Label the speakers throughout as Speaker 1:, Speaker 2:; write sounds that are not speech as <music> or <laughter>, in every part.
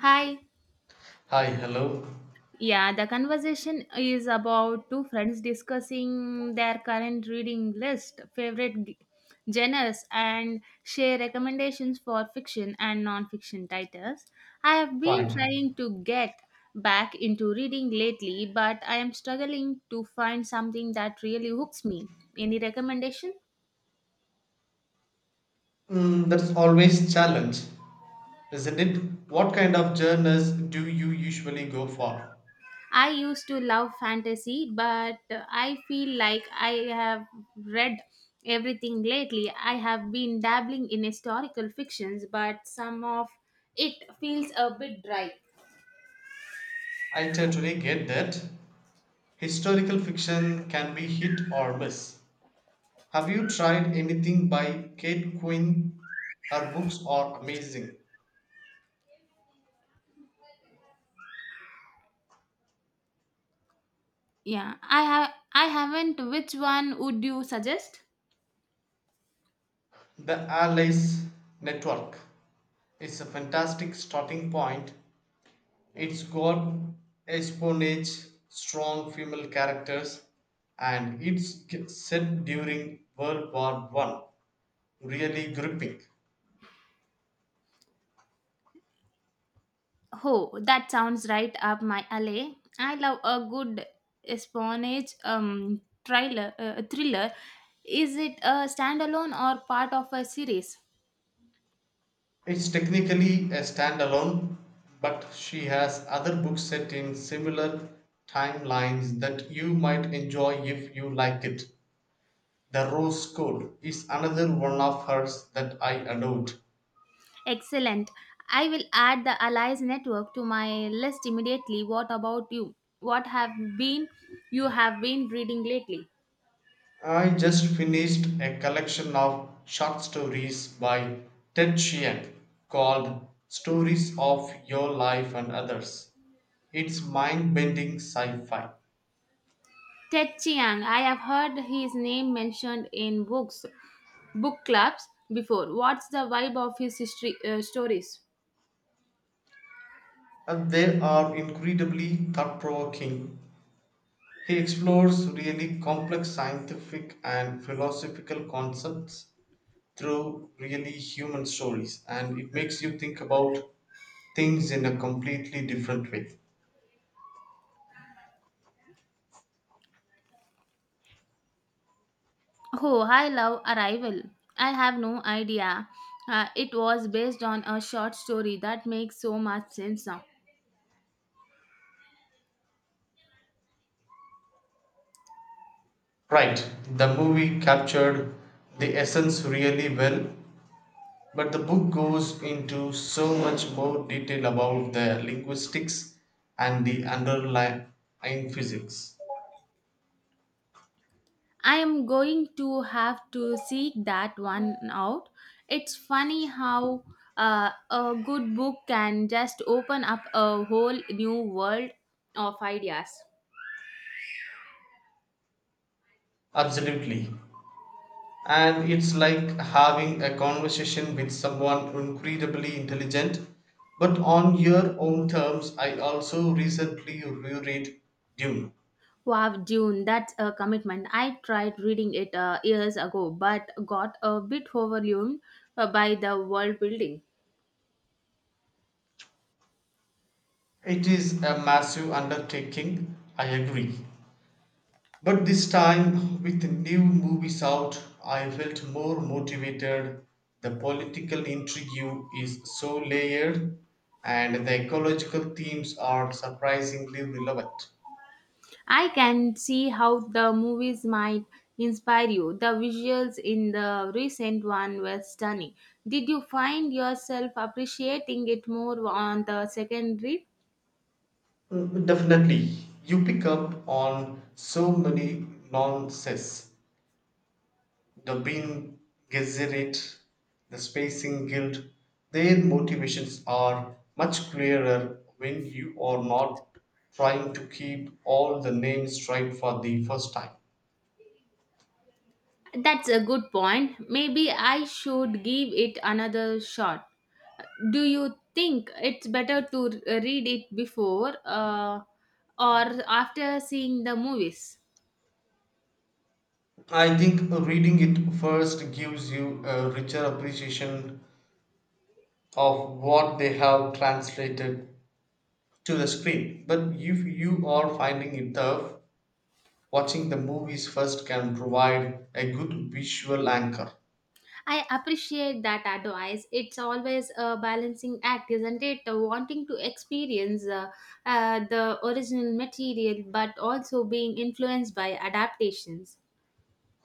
Speaker 1: Hi.
Speaker 2: Hi, hello.
Speaker 1: Yeah, the conversation is about two friends discussing their current reading list, favorite genres, and share recommendations for fiction and non-fiction titles. I have been
Speaker 2: Fine.
Speaker 1: trying to get back into reading lately, but I am struggling to find something that really hooks me. Any recommendation?
Speaker 2: That's always challenge, isn't it? What kind of journals do you usually go for?
Speaker 1: I used to love fantasy, but I feel like I have read everything lately. I have been dabbling in historical fictions, but some of it feels a bit dry.
Speaker 2: I totally get that. Historical fiction can be hit or miss. Have you tried anything by Kate Quinn? Her books are amazing.
Speaker 1: Yeah, I haven't, which one would you suggest?
Speaker 2: The Allies Network is a fantastic starting point. It's got espionage, strong female characters, and set during World War One. Really gripping.
Speaker 1: Oh, that sounds right up my alley. I love a good espionage thriller, thriller. Is it a standalone or part of a series?
Speaker 2: It's technically a standalone, but she has other books set in similar timelines that you might enjoy if you like it. The Rose Code is another one of hers that I adored.
Speaker 1: Excellent. I will add the Allies network to my list immediately. What about you? What have been you have been reading lately?
Speaker 2: I just finished a collection of short stories by Ted Chiang called Stories of Your Life and Others. It's mind bending sci fi.
Speaker 1: Ted Chiang. I have heard his name mentioned in books, book clubs before. What's the vibe of his history stories?
Speaker 2: And they are incredibly thought provoking. He explores really complex scientific and philosophical concepts through really human stories, and it makes you think about things in a completely different way.
Speaker 1: Oh, I love Arrival. I have no idea. It was based on a short story that makes so much sense now.
Speaker 2: Right, the movie captured the essence really well, but the book goes into so much more detail about the linguistics and the underlying physics.
Speaker 1: I am going to have to seek that one out. It's funny how a good book can just open up a whole new world of ideas.
Speaker 2: Absolutely. And it's like having a conversation with someone incredibly intelligent, but on your own terms. I also recently reread Dune.
Speaker 1: Wow, June, that's a commitment. I tried reading it years ago but got a bit overwhelmed by the world building.
Speaker 2: It is a massive undertaking, I agree. But this time, with new movies out, I felt more motivated. The political intrigue is so layered, and the ecological themes are surprisingly relevant.
Speaker 1: I can see how the movies might inspire you. The visuals in the recent one were stunning. Did you find yourself appreciating it more on the second read?
Speaker 2: Definitely, you pick up on so many nonsense. The bin Gesserit, the Spacing Guild, their motivations are much clearer when you are not trying to keep all the names right for the first time.
Speaker 1: That's a good point. Maybe I should give it another shot. Do you think it's better to read it before, or after seeing the movies?
Speaker 2: I think reading it first gives you a richer appreciation of what they have translated to the screen. But if you are finding it tough, watching the movies first can provide a good visual anchor.
Speaker 1: I appreciate that advice. It's always a balancing act, isn't it? Wanting to experience, the original material but also being influenced by adaptations.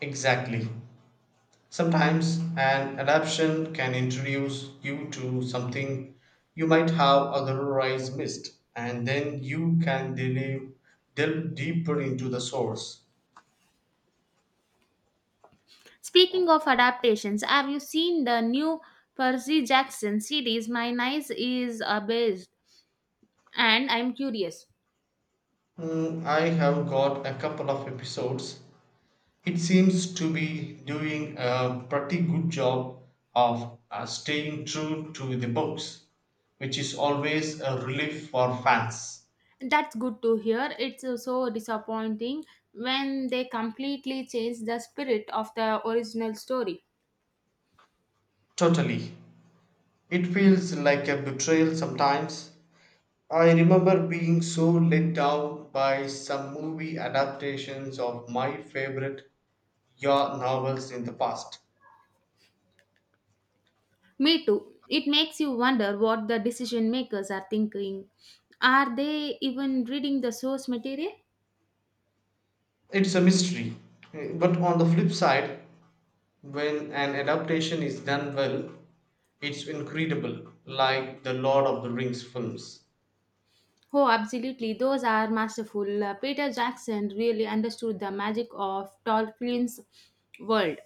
Speaker 2: Exactly. Sometimes an adaptation can introduce you to something you might have otherwise missed, and then you can delve deeper into the source.
Speaker 1: Speaking of adaptations, have you seen the new Percy Jackson series? My niece is abased, and I'm curious.
Speaker 2: I have got a couple of episodes. It seems to be doing a pretty good job of staying true to the books, which is always a relief for fans.
Speaker 1: That's good to hear. It's so disappointing when they completely change the spirit of the original story.
Speaker 2: Totally. It feels like a betrayal sometimes, I remember being so let down by some movie adaptations of my favorite YA novels in the past.
Speaker 1: Me too. It makes you wonder what the decision makers are thinking. Are they even reading the source material?
Speaker 2: It's a mystery. But on the flip side, when an adaptation is done well, it's incredible, like the Lord of the Rings films.
Speaker 1: Oh, absolutely. Those are masterful. Peter Jackson really understood the magic of Tolkien's world.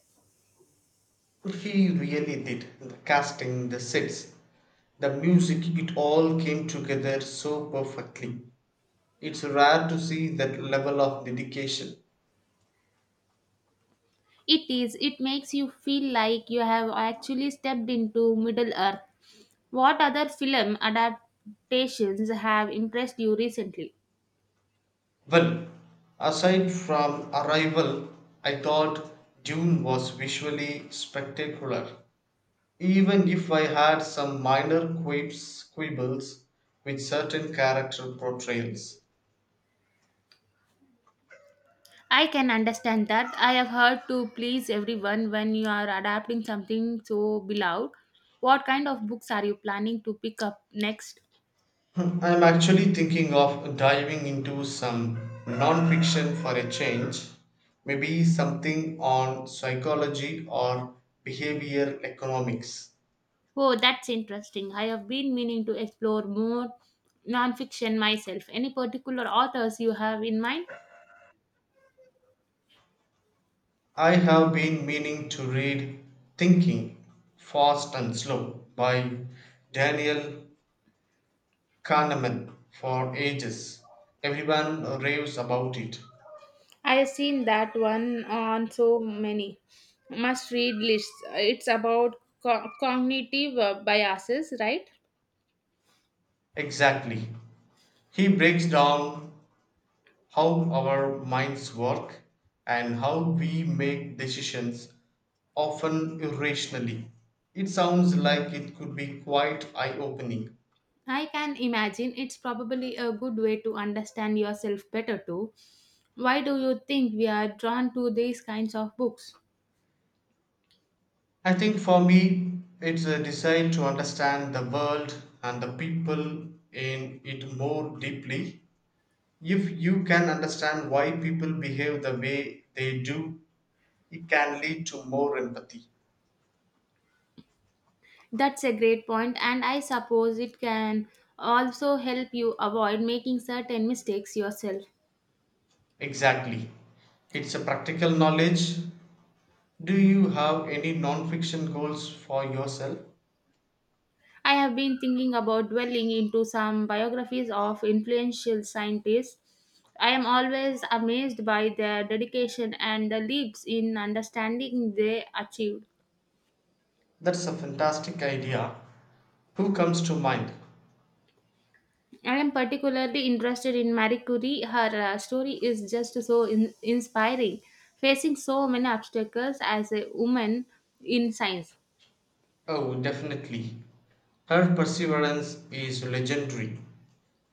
Speaker 2: He really did. The casting, the sets, the music, it all came together so perfectly. It's rare to see that level of dedication.
Speaker 1: It is. It makes you feel like you have actually stepped into Middle Earth. What other film adaptations have impressed you recently?
Speaker 2: Well, aside from Arrival, I thought Dune was visually spectacular. Even if I had some minor quibbles with certain character portrayals.
Speaker 1: I can understand that. I have heard to please everyone when you are adapting something so beloved. What kind of books are you planning to pick up next?
Speaker 2: <laughs> I'm actually thinking of diving into some non-fiction for a change, maybe something on psychology or behavioral economics.
Speaker 1: Oh, that's interesting. I have been meaning to explore more nonfiction myself. Any particular authors you have in mind?
Speaker 2: I have been meaning to read Thinking Fast and Slow by Daniel Kahneman for ages. Everyone raves about it.
Speaker 1: I have seen that one on so many must read lists. It's about cognitive biases, right?
Speaker 2: Exactly. He breaks down how our minds work and how we make decisions, often irrationally. It sounds like it could be quite eye opening.
Speaker 1: I can imagine it's probably a good way to understand yourself better too. Why do you think we are drawn to these kinds of books?
Speaker 2: I think for me, it's a desire to understand the world and the people in it more deeply. If you can understand why people behave the way they do, it can lead to more empathy.
Speaker 1: That's a great point, and I suppose it can also help you avoid making certain mistakes yourself.
Speaker 2: Exactly. It's a practical knowledge. Do you have any non-fiction goals for yourself?
Speaker 1: I have been thinking about dwelling into some biographies of influential scientists. I am always amazed by their dedication and the leaps in understanding they achieved.
Speaker 2: That's a fantastic idea. Who comes to mind?
Speaker 1: I am particularly interested in Marie Curie. Her story is just so inspiring. Facing so many obstacles as a woman in science,
Speaker 2: Oh, definitely. Her perseverance is legendary,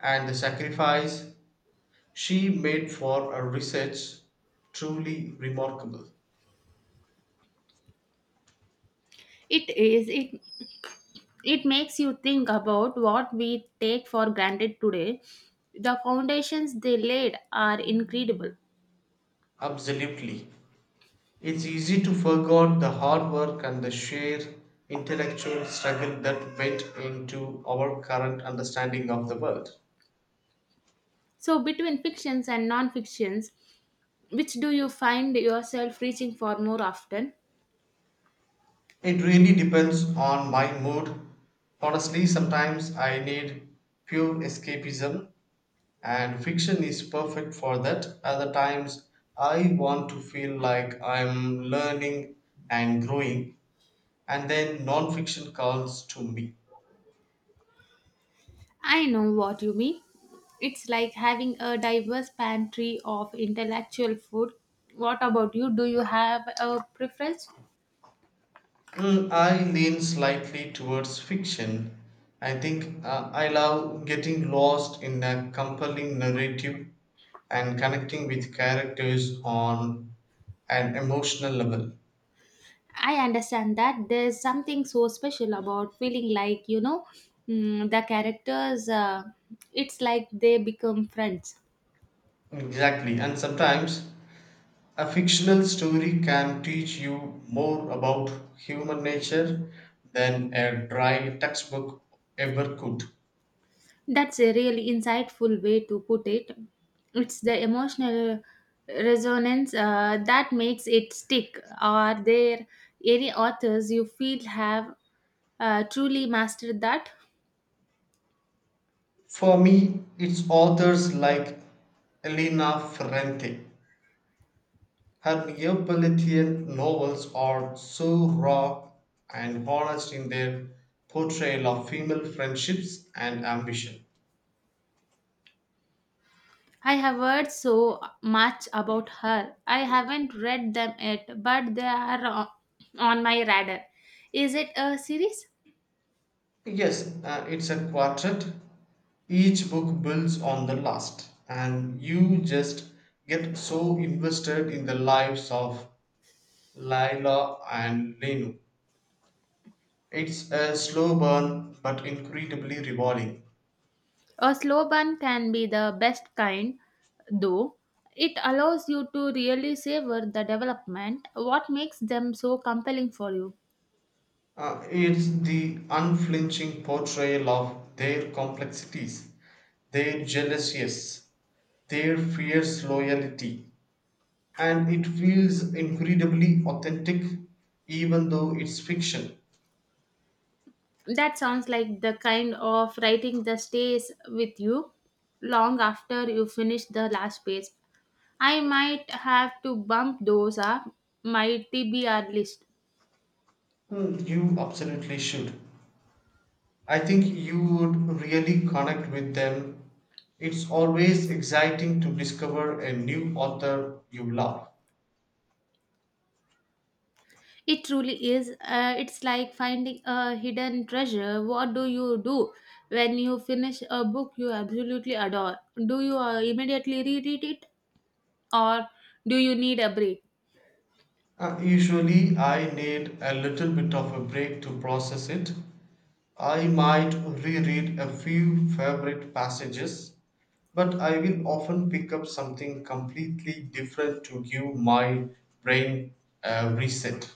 Speaker 2: and the sacrifice she made for her research truly remarkable.
Speaker 1: it is it it makes you think about what we take for granted today. The foundations they laid are incredible.
Speaker 2: Absolutely. It's easy to forget the hard work and the sheer intellectual struggle that went into our current understanding of the world.
Speaker 1: So between fictions and non-fictions, which do you find yourself reaching for more often?
Speaker 2: It really depends on my mood. Honestly, sometimes I need pure escapism. And fiction is perfect for that. Other times, I want to feel like I'm learning and growing, and then non-fiction calls to me.
Speaker 1: I know what you mean. It's like having a diverse pantry of intellectual food. What about you? Do you have a preference?
Speaker 2: I lean slightly towards fiction. I think I love getting lost in a compelling narrative and connecting with characters on an emotional level.
Speaker 1: I understand that there's something so special about feeling like, you know, the characters, it's like they become friends.
Speaker 2: Exactly, and sometimes a fictional story can teach you more about human nature than a dry textbook ever could.
Speaker 1: That's a really insightful way to put it. It's the emotional resonance, that makes it stick. Are there any authors you feel have, truly mastered that?
Speaker 2: For me, it's authors like Elena Ferrante. Her Neapolitan novels are so raw and honest in their portrayal of female friendships and ambition.
Speaker 1: I have heard so much about her. I haven't read them yet, but they are on my radar. Is it a series?
Speaker 2: Yes, it's a quartet. Each book builds on the last, and you just get so invested in the lives of Laila and Lenu. It's a slow burn but incredibly rewarding.
Speaker 1: A slow burn can be the best kind, though. It allows you to really savor the development. What makes them so compelling for you?
Speaker 2: It's the unflinching portrayal of their complexities, their jealousies, their fierce loyalty, and it feels incredibly authentic even though it's fiction.
Speaker 1: That sounds like the kind of writing that stays with you long after you finish the last page. I might have to bump those up my TBR list.
Speaker 2: You absolutely should. I think you would really connect with them. It's always exciting to discover a new author you love.
Speaker 1: It truly is. It's like finding a hidden treasure. What do you do when you finish a book you absolutely adore? Do you immediately reread it, or do you need a break?
Speaker 2: Usually, I need a little bit of a break to process it. I might reread a few favorite passages, but I will often pick up something completely different to give my brain a reset.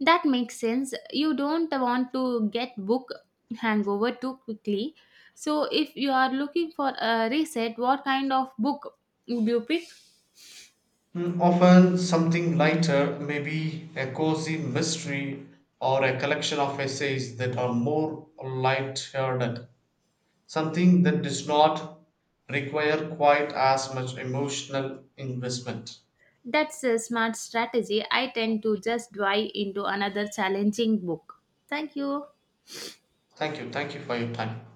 Speaker 1: That makes sense. You don't want to get book hangover too quickly. So, if you are looking for a reset, what kind of book would you pick?
Speaker 2: Often something lighter, maybe a cozy mystery or a collection of essays that are more light-hearted. Something that does not require quite as much emotional investment.
Speaker 1: That's a smart strategy. I tend to just dive into another challenging book. Thank you.
Speaker 2: Thank you. Thank you for your time.